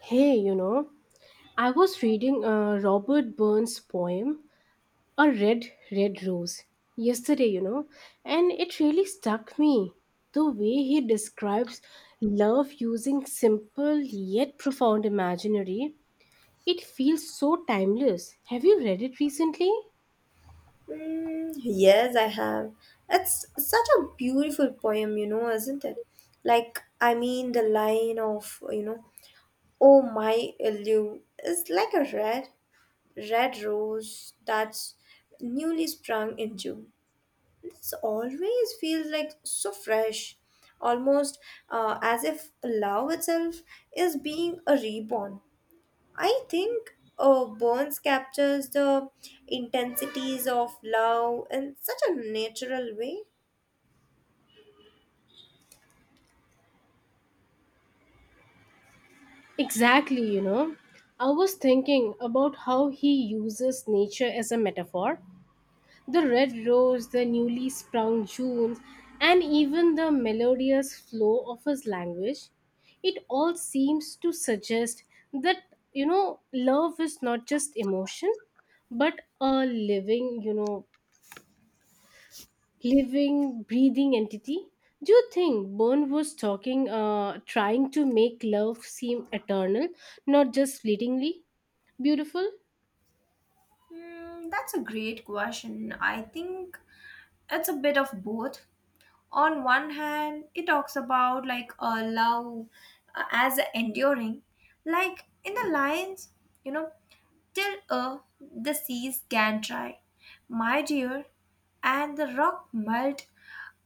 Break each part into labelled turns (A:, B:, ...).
A: Hey, I was reading Robert Burns' poem, A Red, Red Rose, yesterday, and it really stuck me. The way he describes love using simple yet profound imaginary, it feels so timeless. Have you read it recently?
B: Yes, I have. It's such a beautiful poem, you know, isn't it? The line of, you know, oh my Ilu is like a red, red rose that's newly sprung in June. This always feels like so fresh, almost as if love itself is being a reborn. I think Burns captures the intensities of love in such a natural way.
A: Exactly. I was thinking about how he uses nature as a metaphor. The red rose, the newly sprung June, and even the melodious flow of his language, it all seems to suggest that, love is not just emotion, but a living, breathing entity. Do you think Byrne was trying to make love seem eternal, not just fleetingly beautiful?
B: That's a great question. I think it's a bit of both. On one hand, it talks about like a love as enduring, like in the lines, you know, till the seas can dry, my dear, and the rock melt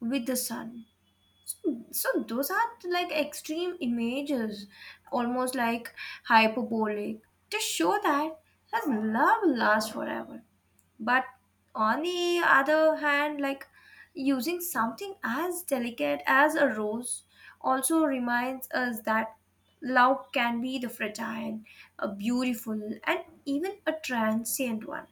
B: with the sun. So those are like extreme images, almost like hyperbolic, to show that his love lasts forever. But on the other hand, like using something as delicate as a rose also reminds us that love can be the fragile, a beautiful, and even a transient one.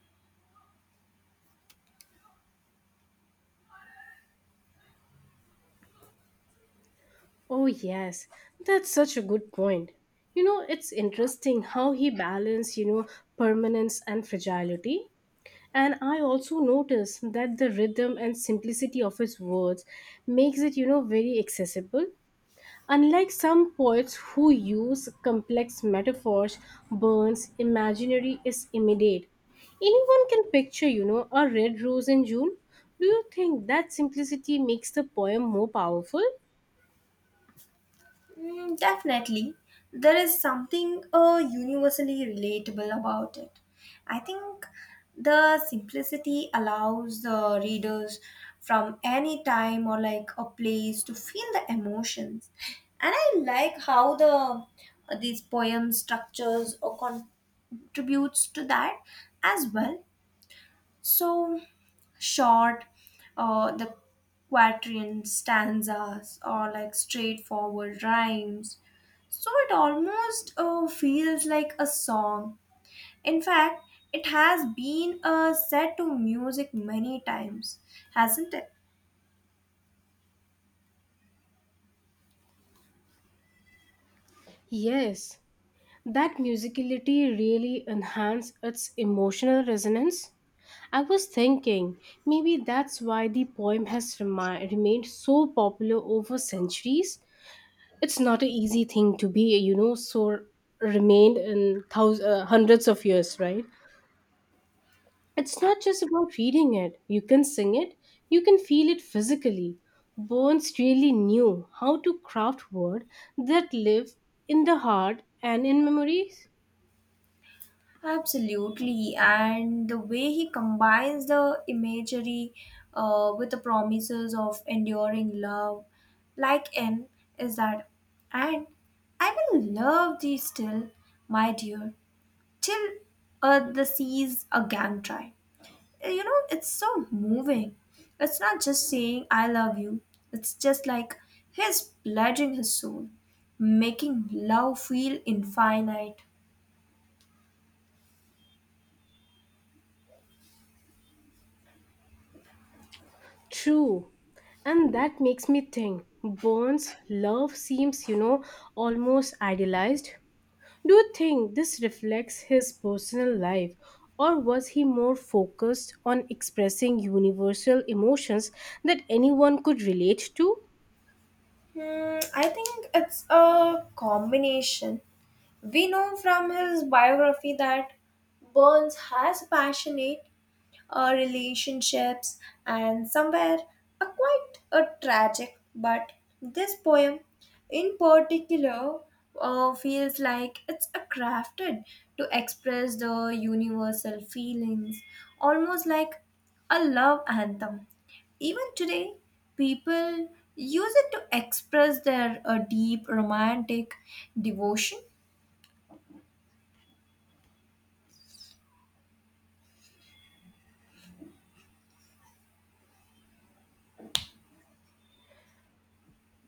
A: Oh, yes, that's such a good point. It's interesting how he balanced, permanence and fragility. And I also noticed that the rhythm and simplicity of his words makes it, very accessible. Unlike some poets who use complex metaphors, Burns' imaginary is immediate. Anyone can picture, a red rose in June. Do you think that simplicity makes the poem more powerful?
B: Definitely. There is something universally relatable about it. I think the simplicity allows the readers from any time or like a place to feel the emotions. And I like how the these poem structures or contributes to that as well. So short, the quatrain stanzas or like straightforward rhymes, so it almost feels like a song. In fact, it has been set to music many times, hasn't it?
A: Yes, that musicality really enhanced its emotional resonance. I was thinking maybe that's why the poem has remained so popular over centuries. It's not an easy thing to be, so remained in hundreds of years, right? It's not just about reading it. You can sing it, you can feel it physically. Burns really knew how to craft words that live in the heart and in memories.
B: Absolutely. And the way he combines the imagery with the promises of enduring love, like in, is that, and I will love thee still, my dear, till the seas again try. You know, it's so moving. It's not just saying I love you, it's just like he's pledging his soul, making love feel infinite.
A: True. And that makes me think Burns' love seems, almost idealized. Do you think this reflects his personal life, or was he more focused on expressing universal emotions that anyone could relate to?
B: I think it's a combination. We know from his biography that Burns has passionate relationships, and somewhere a quite a tragic. But this poem, in particular, feels like it's a crafted to express the universal feelings, almost like a love anthem. Even today, people use it to express their deep romantic devotion.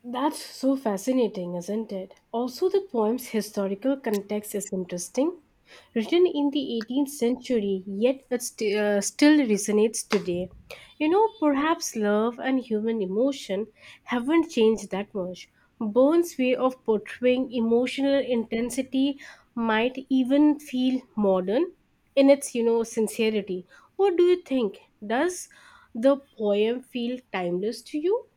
A: That's so fascinating, isn't it? Also, the poem's historical context is interesting. Written in the 18th century, yet it still resonates today. Perhaps love and human emotion haven't changed that much. Burns' way of portraying emotional intensity might even feel modern in its, sincerity. What do you think? Does the poem feel timeless to you?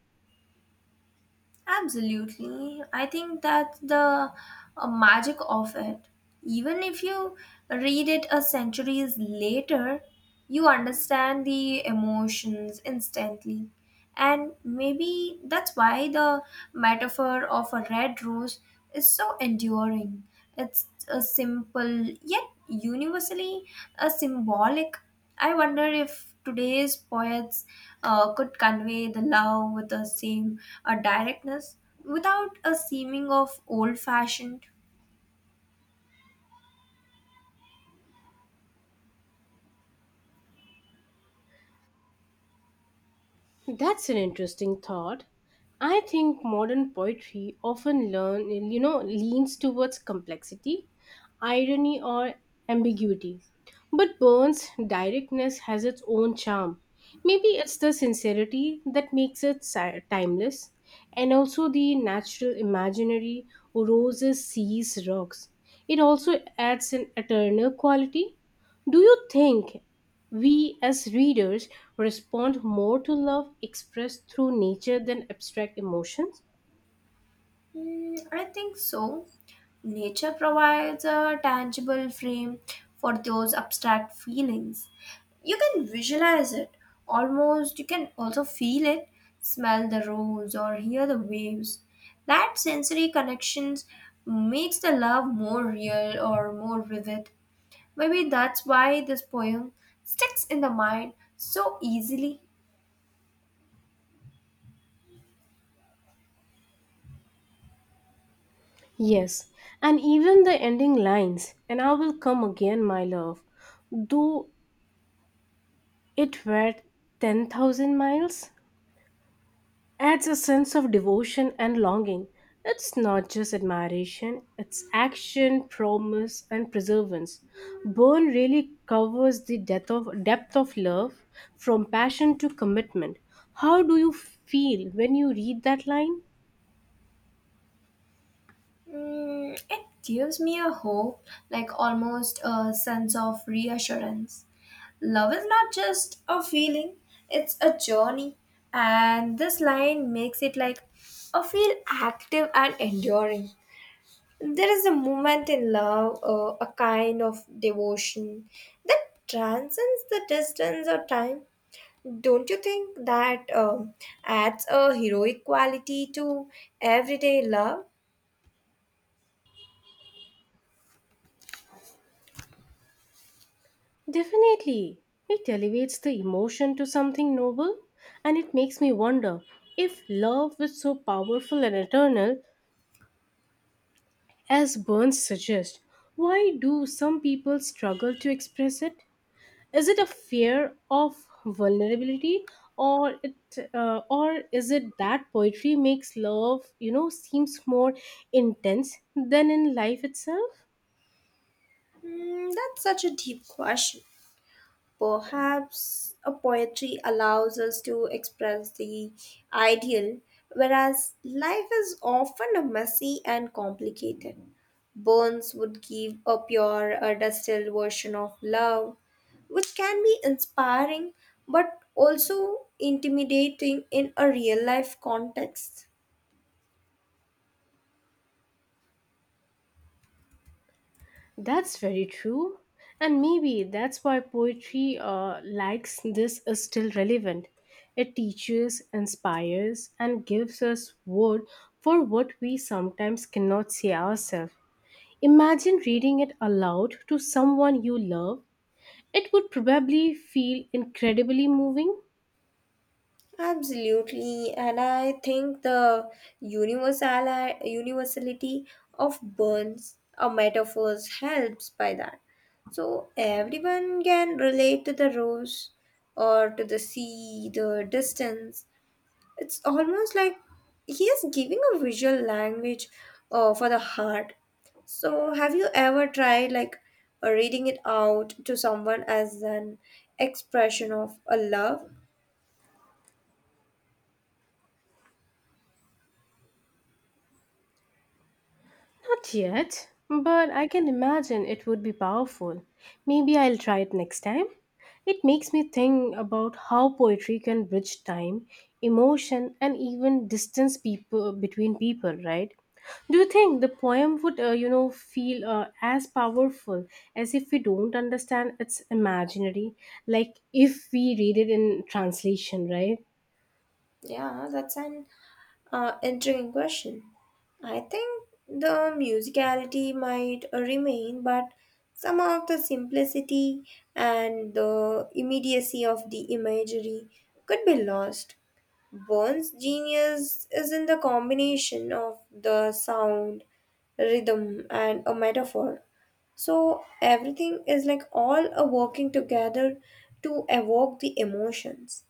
B: Absolutely. I think that's the magic of it. Even if you read it a centuries later, you understand the emotions instantly. And maybe that's why the metaphor of a red rose is so enduring. It's a simple yet universally a symbolic. I wonder if today's poets could convey the love with the same a directness without a seeming of old fashioned.
A: That's an interesting thought. I think modern poetry often learn you know leans towards complexity, irony or ambiguity. But Burns' directness has its own charm. Maybe it's the sincerity that makes it timeless, and also the natural imaginary, roses, seas, rocks. It also adds an eternal quality. Do you think we as readers respond more to love expressed through nature than abstract emotions?
B: I think so. Nature provides a tangible frame for those abstract feelings. You can visualize it, almost, you can also feel it, smell the rose, or hear the waves. That sensory connections makes the love more real or more vivid. Maybe that's why this poem sticks in the mind so easily.
A: Yes, and even the ending lines, and I will come again, my love, though it were 10,000 miles, adds a sense of devotion and longing. It's not just admiration, it's action, promise, and perseverance. Burn really covers the depth of love from passion to commitment. How do you feel when you read that line?
B: It gives me a hope, like almost a sense of reassurance. Love is not just a feeling, it's a journey. And this line makes it like a feel active and enduring. There is a moment in love, a kind of devotion that transcends the distance or time. Don't you think that adds a heroic quality to everyday love?
A: Definitely. It elevates the emotion to something noble, and it makes me wonder, if love is so powerful and eternal as Burns suggests, why do some people struggle to express it? Is it a fear of vulnerability, or it, or is it that poetry makes love, seems more intense than in life itself?
B: That's such a deep question. Perhaps a poetry allows us to express the ideal, whereas life is often a messy and complicated. Burns would give a pure, a distilled version of love, which can be inspiring but also intimidating in a real life context.
A: That's very true. And maybe that's why poetry likes this is still relevant. It teaches, inspires, and gives us word for what we sometimes cannot see ourselves. Imagine reading it aloud to someone you love. It would probably feel incredibly moving.
B: Absolutely, and I think the universality of Burns or metaphors helps by that. So everyone can relate to the rose or to the sea, the distance. It's almost like he is giving a visual language for the heart. So have you ever tried like reading it out to someone as an expression of a love?
A: Not yet, but I can imagine it would be powerful. Maybe I'll try it next time. It makes me think about how poetry can bridge time, emotion, and even distance people between people, right? Do you think the poem would, feel as powerful, as if we don't understand its imaginary, like if we read it in translation, right?
B: Yeah, that's an intriguing question. I think the musicality might remain, but some of the simplicity and the immediacy of the imagery could be lost. Burns' genius is in the combination of the sound, rhythm, and a metaphor. So everything is like all are working together to evoke the emotions.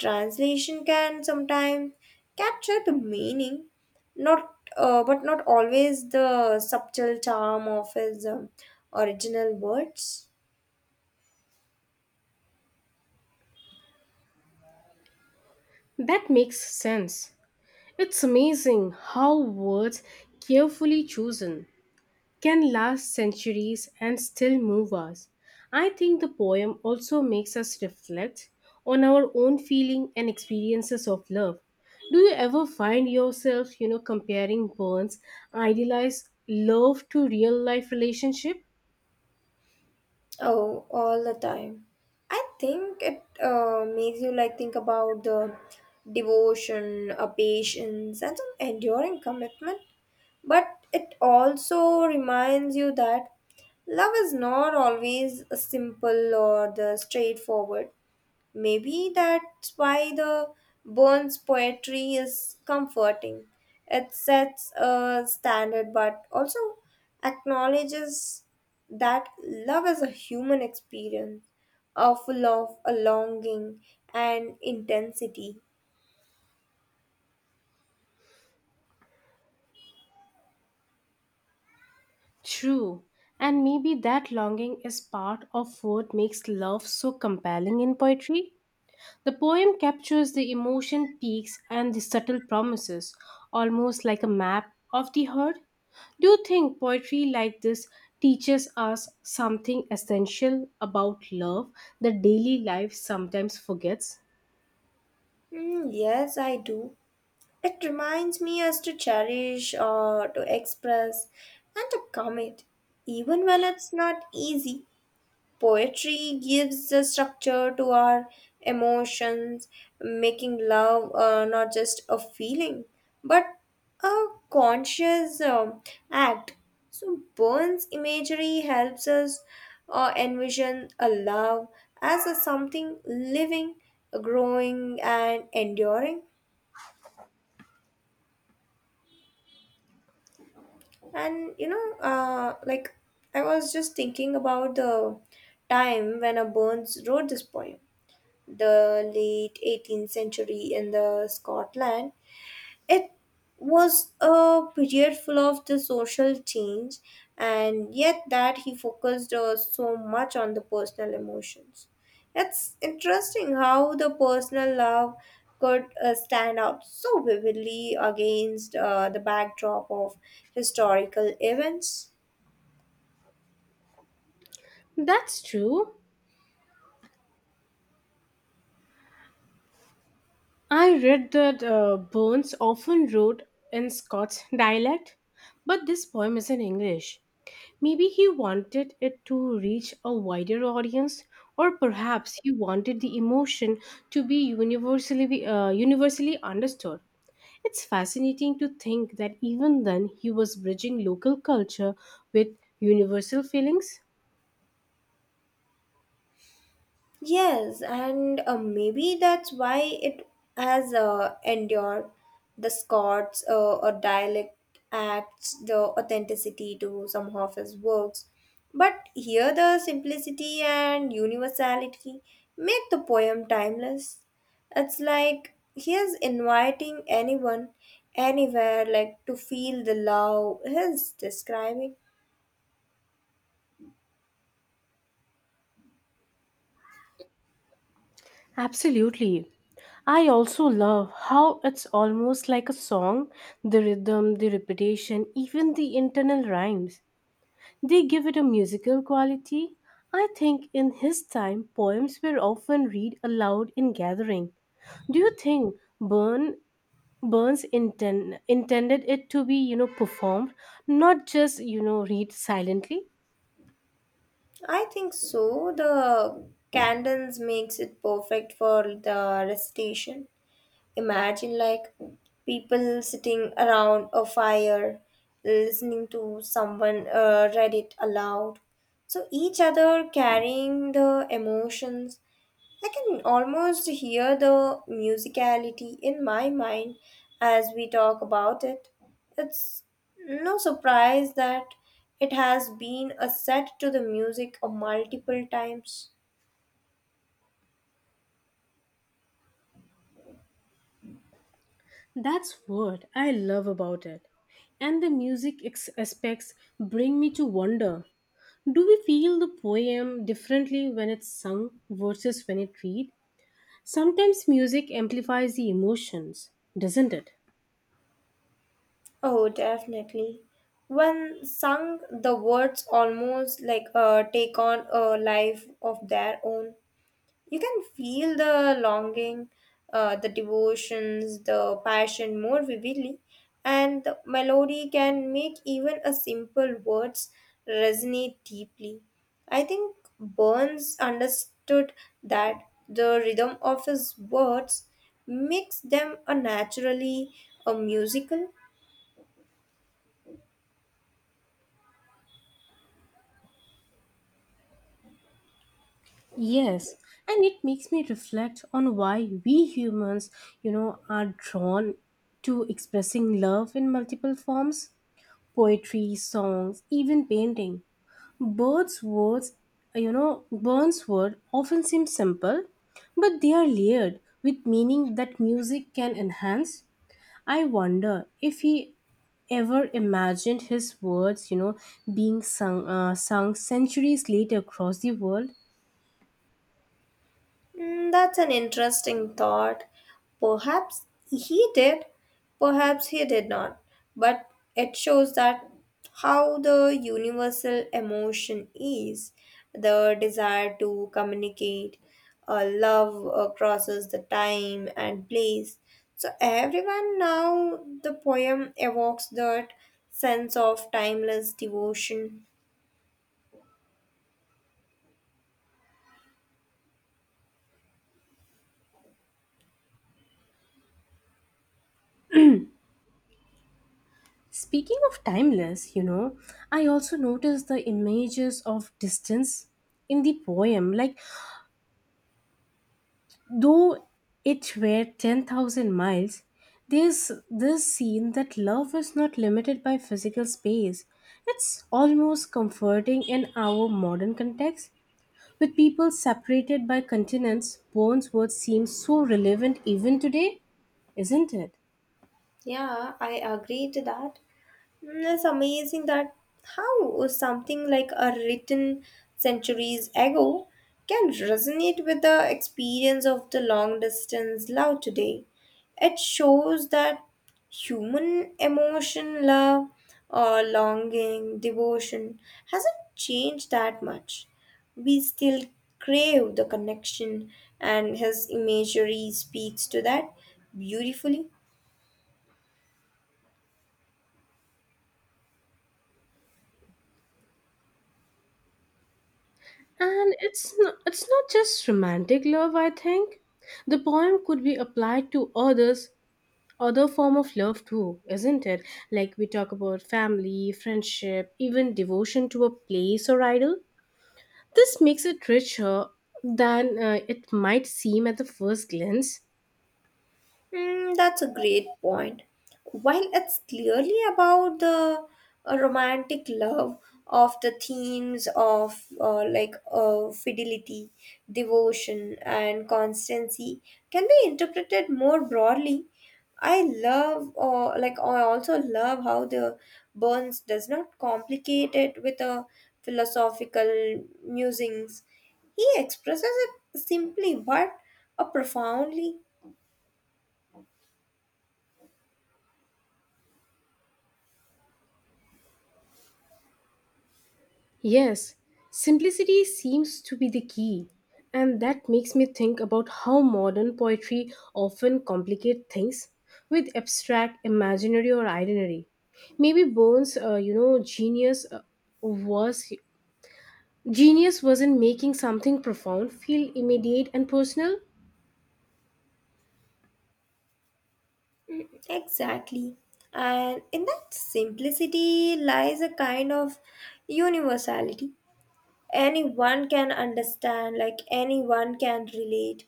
B: Translation can sometimes capture the meaning, not but not always the subtle charm of his original words.
A: That makes sense. It's amazing how words carefully chosen can last centuries and still move us. I think the poem also makes us reflect on our own feeling and experiences of love. Do you ever find yourself, comparing Burns' idealized love to real life relationship?
B: Oh, all the time. I think it makes you like think about the devotion, a patience, and some enduring commitment. But it also reminds you that love is not always simple or the straightforward. Maybe that's why the Burns poetry is comforting. It sets a standard but also acknowledges that love is a human experience, a full of a longing and intensity.
A: True. And maybe that longing is part of what makes love so compelling in poetry. The poem captures the emotion peaks and the subtle promises, almost like a map of the heart. Do you think poetry like this teaches us something essential about love that daily life sometimes forgets?
B: Yes, I do. It reminds me as to cherish or to express and to commit, even when it's not easy. Poetry gives a structure to our emotions, making love not just a feeling but a conscious act. So, Burns' imagery helps us envision a love as a something living, growing, and enduring. And you know, like I was just thinking about the time when a Burns wrote this poem, the late 18th century in the Scotland, it was a period full of the social change, and yet that he focused so much on the personal emotions. It's interesting how the personal love could stand out so vividly against the backdrop of historical events.
A: That's true. I read that Burns often wrote in Scots dialect, but this poem is in English. Maybe he wanted it to reach a wider audience, or perhaps he wanted the emotion to be universally understood. It's fascinating to think that even then he was bridging local culture with universal feelings.
B: Yes, and maybe that's why it has endured. The Scots or dialect adds the authenticity to some of his works, but here the simplicity and universality make the poem timeless. It's like he is inviting anyone, anywhere, like to feel the love he's describing.
A: Absolutely. I also love how it's almost like a song, the rhythm, the repetition, even the internal rhymes. They give it a musical quality. I think in his time, poems were often read aloud in gathering. Do you think Burn Burns intended it to be, performed, not just, read silently?
B: I think so. The candles makes it perfect for the recitation. Imagine like people sitting around a fire, listening to someone read it aloud. So each other carrying the emotions. I can almost hear the musicality in my mind as we talk about it. It's no surprise that it has been a set to the music of multiple times.
A: That's what I love about it. And the music aspects bring me to wonder, do we feel the poem differently when it's sung versus when it read? Sometimes music amplifies the emotions, doesn't it?
B: Oh, definitely. When sung, the words almost like take on a life of their own. You can feel the longing, the devotions, the passion more vividly, and the melody can make even a simple words resonate deeply. I think Burns understood that the rhythm of his words makes them a naturally a musical.
A: Yes, and it makes me reflect on why we humans, are drawn to expressing love in multiple forms, poetry, songs, even painting. Words, Burns' words often seem simple, but they are layered with meaning that music can enhance. I wonder if he ever imagined his words, being sung centuries later across the world.
B: That's an interesting thought. Perhaps he did, perhaps he did not. But it shows that how the universal emotion is the desire to communicate, love crosses the time and place. So, everyone now, the poem evokes that sense of timeless devotion.
A: Speaking of timeless, I also noticed the images of distance in the poem, like, though it were 10,000 miles, there's this scene that love is not limited by physical space. It's almost comforting in our modern context. With people separated by continents, Wordsworth seems so relevant even today, isn't it?
B: Yeah, I agree to that. It's amazing that how something like a written centuries ago can resonate with the experience of the long distance love today. It shows that human emotion, love, or longing, devotion hasn't changed that much. We still crave the connection, and his imagery speaks to that beautifully.
A: And it's not just romantic love, I think. The poem could be applied to other form of love too, isn't it? Like we talk about family, friendship, even devotion to a place or idol. This makes it richer than it might seem at the first glance.
B: That's a great point. While it's clearly about the romantic love of the themes of fidelity, devotion, and constancy can be interpreted more broadly. I also love how the Burns does not complicate it with a philosophical musings. He expresses it simply but profoundly.
A: Yes, simplicity seems to be the key. And that makes me think about how modern poetry often complicate things with abstract imaginary, or imaginary. Maybe bones, genius, was Genius was in making something profound feel immediate and personal.
B: Exactly. And in that simplicity lies a kind of universality. Anyone can understand, like anyone can relate.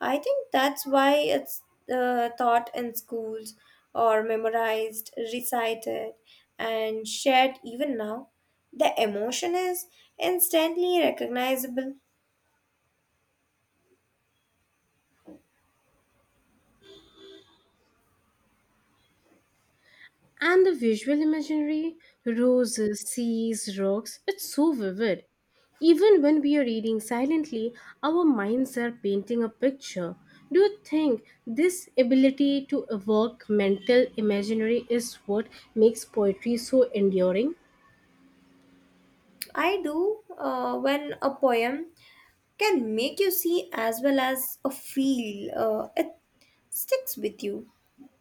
B: I think that's why it's taught in schools or memorized, recited, and shared even now. The emotion is instantly recognizable.
A: And the visual imagery, roses, seas, rocks, it's so vivid. Even when we are reading silently, our minds are painting a picture. Do you think this ability to evoke mental imaginary is what makes poetry so enduring?
B: I do when a poem can make you see as well as a feel. It sticks with you.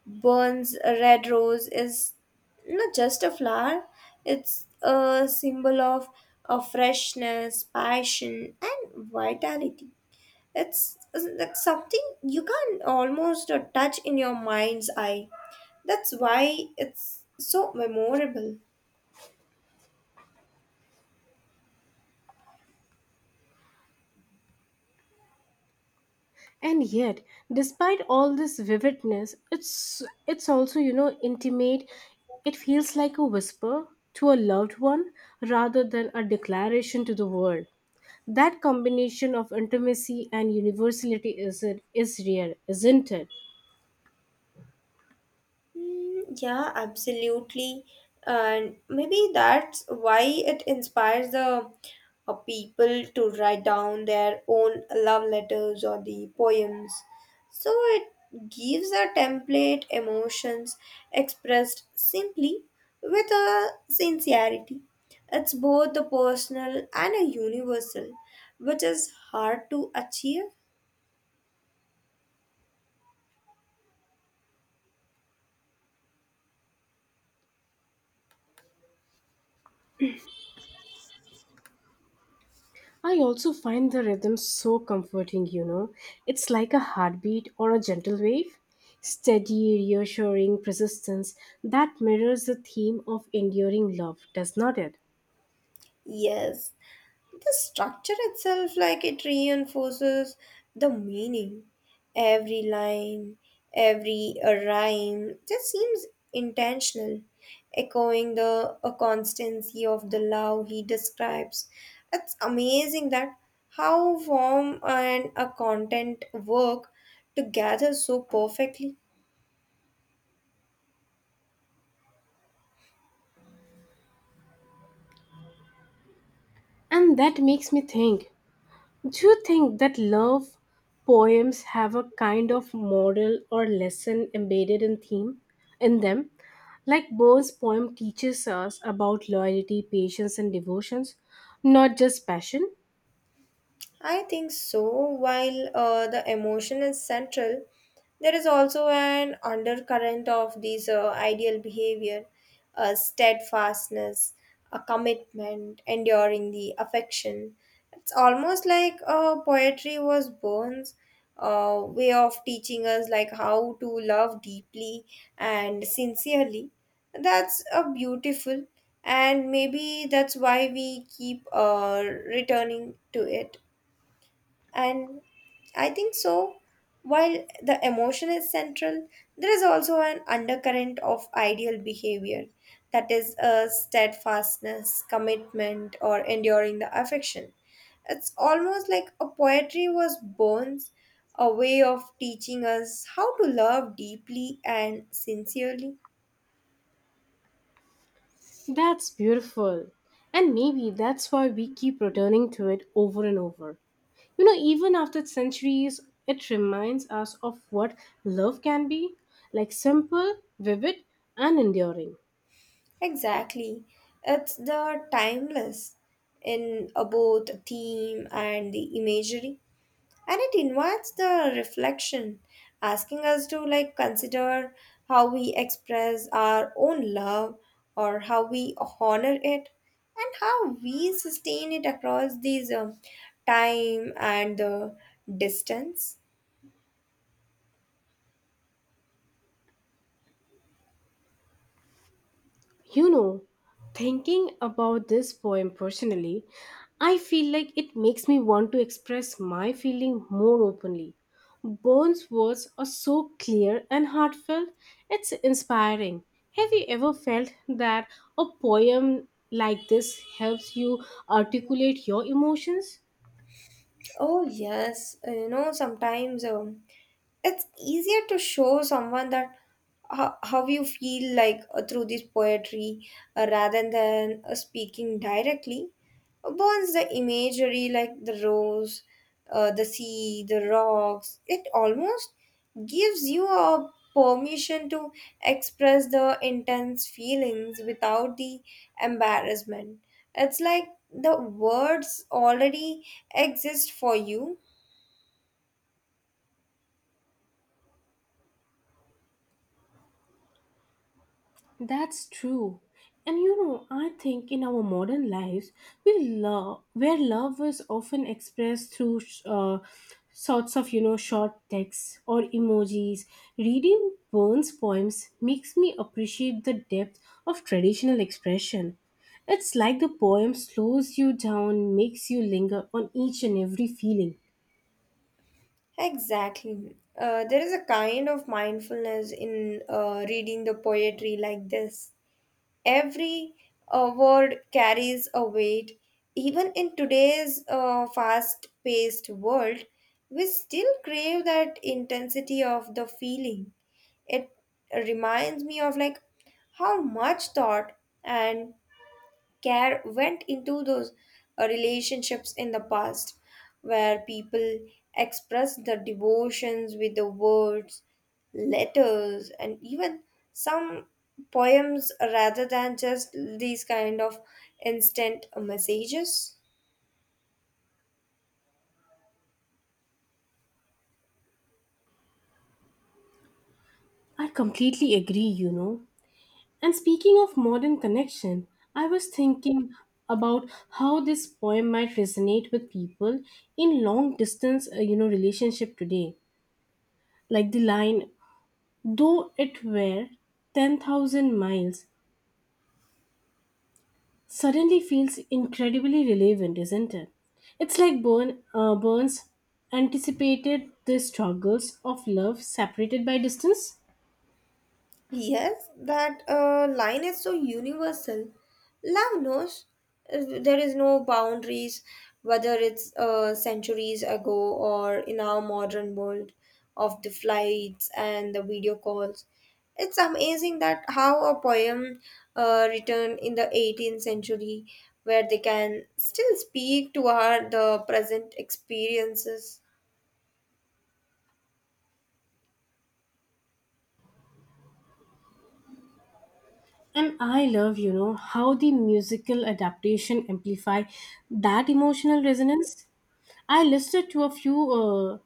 B: Burns' red rose is not just a flower, it's a symbol of freshness, passion, and vitality. It's like something you can almost touch in your mind's eye. That's why it's so memorable.
A: And yet, despite all this vividness, it's also, intimate. It feels like a whisper to a loved one rather than a declaration to the world. That combination of intimacy and universality, is it is real, isn't it?
B: Yeah, absolutely. And maybe that's why it inspires the people to write down their own love letters or the poems. So it gives a template emotions expressed simply with a sincerity. It's both a personal and a universal, which is hard to achieve.
A: I also find the rhythm so comforting. It's like a heartbeat or a gentle wave. Steady, reassuring persistence that mirrors the theme of enduring love, does not it?
B: Yes, the structure itself like it reinforces the meaning. Every line, every rhyme just seems intentional, echoing the constancy of the love he describes. It's amazing that how form and a content work together so perfectly.
A: And that makes me think, do you think that love poems have a kind of moral or lesson embedded in theme in them? Like Burns' poem teaches us about loyalty, patience, and devotions, not just passion.
B: I think so. While the emotion is central, there is also an undercurrent of these ideal behavior, steadfastness, a commitment, enduring the affection. It's almost like poetry was Burns' way of teaching us like how to love deeply and sincerely. That's a beautiful, and maybe that's why we keep returning to it. And I think so. While the emotion is central, there is also an undercurrent of ideal behavior that is, a steadfastness, commitment, or enduring the affection. It's almost like a poetry was born, a way of teaching us how to love deeply and sincerely.
A: That's beautiful. And maybe that's why we keep returning to it over and over. Even after centuries, it reminds us of what love can be, like simple, vivid, and enduring.
B: Exactly. It's the timeless in both theme and the imagery. And it invites the reflection, asking us to like consider how we express our own love, or how we honor it, and how we sustain it across these time and the distance.
A: You know, thinking about this poem personally, I feel like it makes me want to express my feeling more openly. Bourne's words are so clear and heartfelt, it's inspiring. Have you ever felt that a poem like this helps you articulate your emotions?
B: Oh yes, you know sometimes, it's easier to show someone that how you feel, like through this poetry, rather than speaking directly. Once the imagery, like the rose, the sea, the rocks, it almost gives you a permission to express the intense feelings without the embarrassment. It's like the words already exist for you.
A: That's true. And I think in our modern lives, we love where love is often expressed through sorts of short texts or emojis. Reading Burns' poems makes me appreciate the depth of traditional expression. It's like the poem slows you down, makes you linger on each and every feeling.
B: Exactly. There is a kind of mindfulness in reading the poetry like this. Every word carries a weight. Even in today's fast paced world, we still crave that intensity of the feeling. It reminds me of, like, how much thought and care went into those relationships in the past, where people expressed their devotions with the words, letters, and even some poems, rather than just these kind of instant messages.
A: I completely agree. And speaking of modern connection, I was thinking about how this poem might resonate with people in long distance, relationship today. Like the line, though it were 10,000 miles, suddenly feels incredibly relevant, isn't it? It's like Burns anticipated the struggles of love separated by distance.
B: Yes, that line is so universal. Love knows, there is no boundaries, whether it's centuries ago or in our modern world of the flights and the video calls. It's amazing that how a poem written in the 18th century, where they can still speak to our the present experiences.
A: And I love, how the musical adaptation amplify that emotional resonance. I listened to a few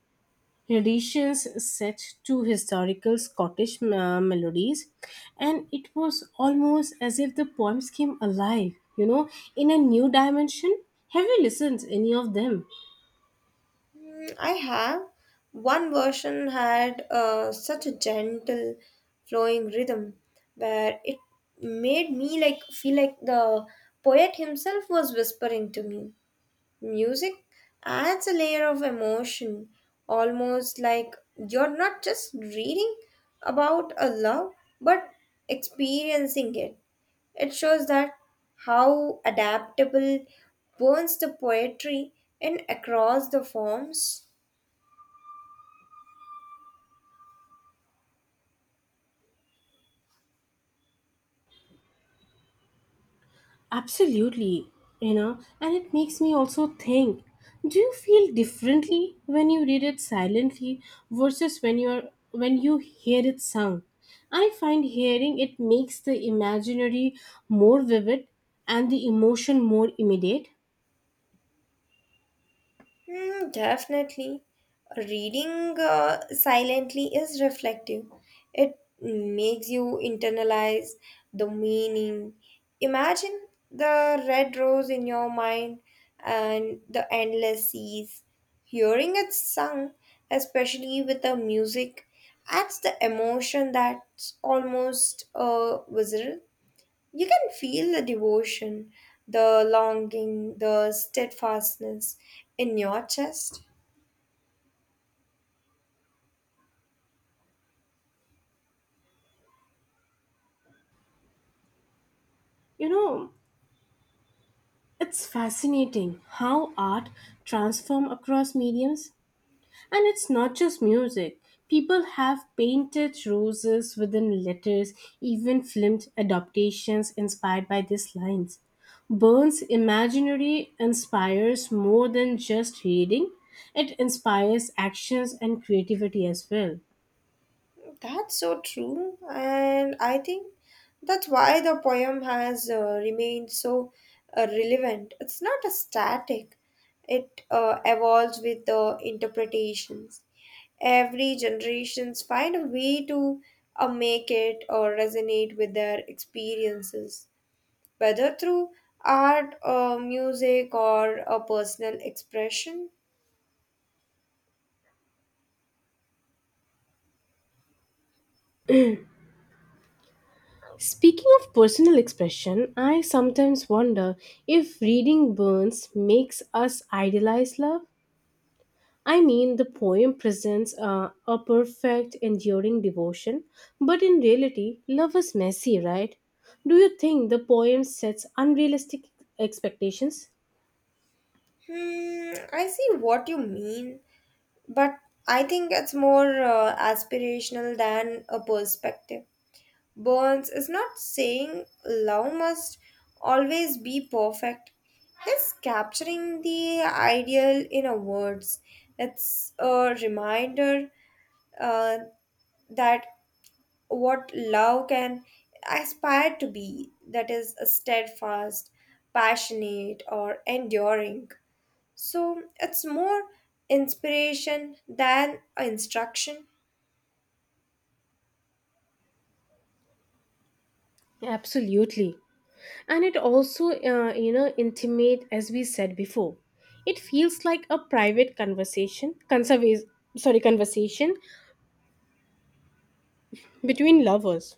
A: renditions set to historical Scottish melodies, and it was almost as if the poems came alive, in a new dimension. Have you listened to any of them?
B: Mm, I have. One version had such a gentle flowing rhythm, where it made me like feel like the poet himself was whispering to me. Music adds a layer of emotion, almost like you're not just reading about a love but experiencing it. It shows that how adaptable burns the poetry in across the forms.
A: Absolutely, and it makes me also think, do you feel differently when you read it silently versus when you hear it sung? I find hearing it makes the imaginary more vivid and the emotion more immediate.
B: Hmm, definitely. Reading silently is reflective. It makes you internalize the meaning. Imagine the red rose in your mind and the endless seas. Hearing it sung, especially with the music, adds the emotion that's almost visceral. You can feel the devotion, the longing, the steadfastness in your chest.
A: You know, it's fascinating how art transforms across mediums. And it's not just music. People have painted roses within letters, even filmed adaptations inspired by these lines. Burns' imaginary inspires more than just reading, it inspires actions and creativity as well.
B: That's so true, and I think that's why the poem has remained so relevant. It's not a static, it evolves with the interpretations. Every generations find a way to make it or resonate with their experiences, whether through art, music, or a personal expression.
A: Speaking of personal expression, I sometimes wonder if reading Burns makes us idealize love. I mean, the poem presents a perfect, enduring devotion, but in reality, love is messy, right? Do you think the poem sets unrealistic expectations?
B: Hmm, I see what you mean, but I think it's more aspirational than a perspective. Burns is not saying love must always be perfect. He's capturing the ideal in a words. It's a reminder, uh, that what love can aspire to be, that is steadfast, passionate, or enduring. So it's more inspiration than instruction.
A: Absolutely. And it also, intimate, as we said before. It feels like a private conversation between lovers.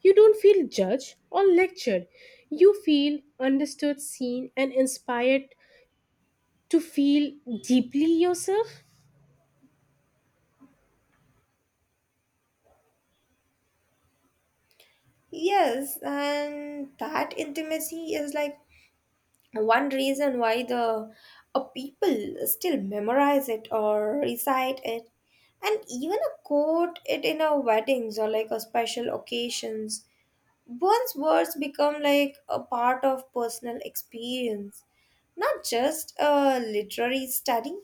A: You don't feel judged or lectured. You feel understood, seen, and inspired to feel deeply yourself.
B: Yes, and that intimacy is like one reason why the people still memorize it or recite it and even a quote it in our weddings or like a special occasions. One's words become like a part of personal experience, not just a literary study.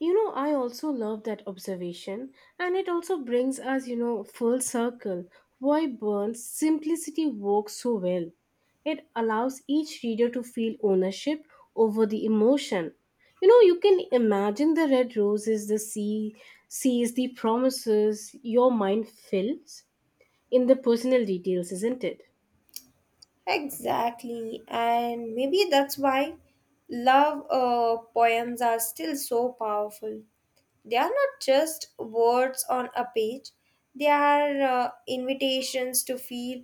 A: I also love that observation. And it also brings us, full circle, why Burns simplicity works so well. It allows each reader to feel ownership over the emotion. You can imagine the red rose is the sea, sees the promises, your mind fills in the personal details, isn't it?
B: Exactly, and maybe that's why love poems are still so powerful. They are not just words on a page, they are invitations to feel,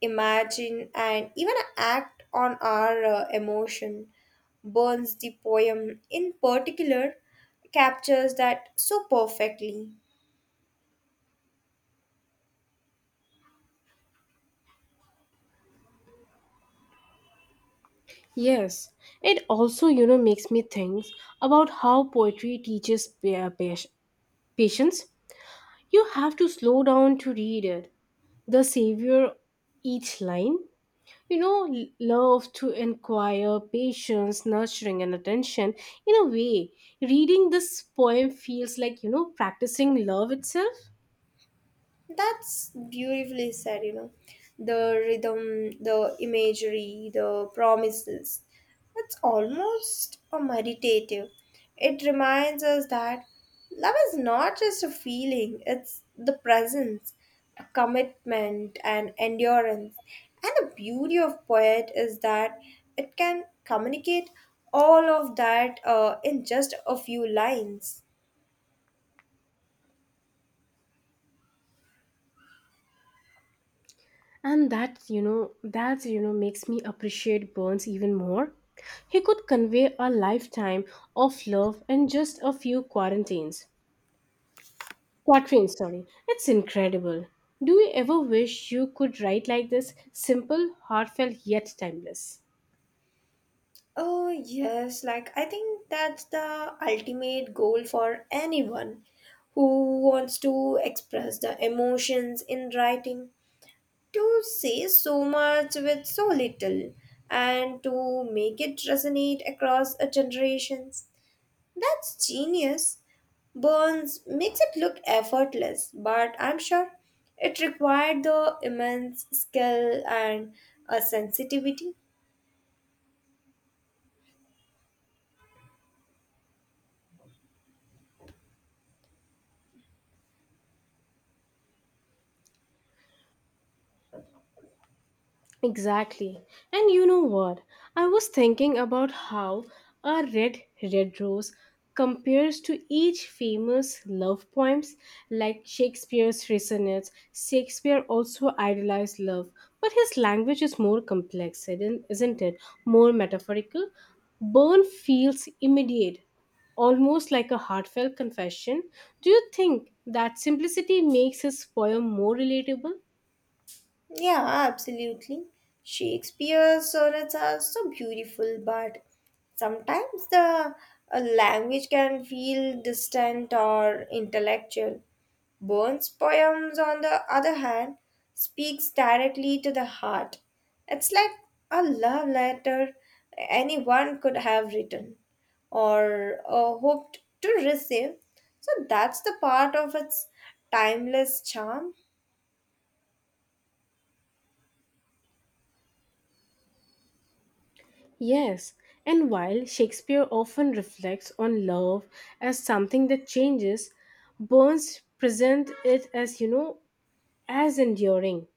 B: imagine, and even act on our emotion. Burns, the poem in particular, captures that so perfectly.
A: Yes, it also, makes me think about how poetry teaches patience. You have to slow down to read it. The savior each line. Love to inquire, patience, nurturing, and attention. In a way, reading this poem feels like, practicing love itself.
B: That's beautifully said, you know. The rhythm, the imagery, the promises. It's almost a meditative. It reminds us that love is not just a feeling, it's the presence, a commitment, and endurance. And the beauty of poet is that it can communicate all of that in just a few lines.
A: And that's, makes me appreciate Burns even more. He could convey a lifetime of love in just a few quarantines. Quatrains, sorry. It's incredible. Do you ever wish you could write like this? Simple, heartfelt, yet timeless.
B: Oh, yes. Like, I think that's the ultimate goal for anyone who wants to express the emotions in writing. To say so much with so little and to make it resonate across a generations. That's genius. Burns makes it look effortless, but I'm sure it required the immense skill and a sensitivity.
A: Exactly. And you know what? I was thinking about how a red red rose compares to each famous love poems like Shakespeare's Resonance. Shakespeare also idealized love, but his language is more complex, isn't it? More metaphorical. Burn feels immediate, almost like a heartfelt confession. Do you think that simplicity makes his poem more relatable?
B: Yeah, absolutely. Shakespeare's sonnets are so beautiful, but sometimes the language can feel distant or intellectual. Burns' poems, on the other hand, speaks directly to the heart. It's like a love letter anyone could have written or hoped to receive. So that's the part of its timeless charm.
A: Yes, and while Shakespeare often reflects on love as something that changes, Burns presents it as enduring.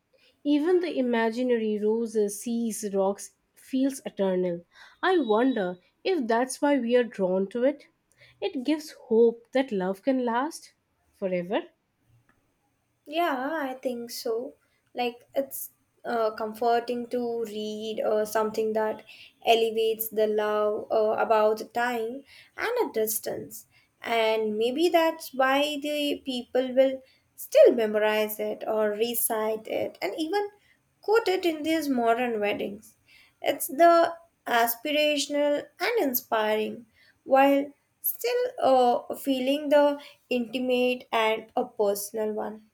A: Even the imaginary roses, seas, rocks feels eternal. I wonder if that's why we are drawn to it. It gives hope that love can last forever.
B: Yeah, I think so. Like it's comforting to read something that elevates the love, about the time and a distance. And maybe that's why the people will still memorize it or recite it and even quote it in these modern weddings. It's the aspirational and inspiring, while still feeling the intimate and a personal one.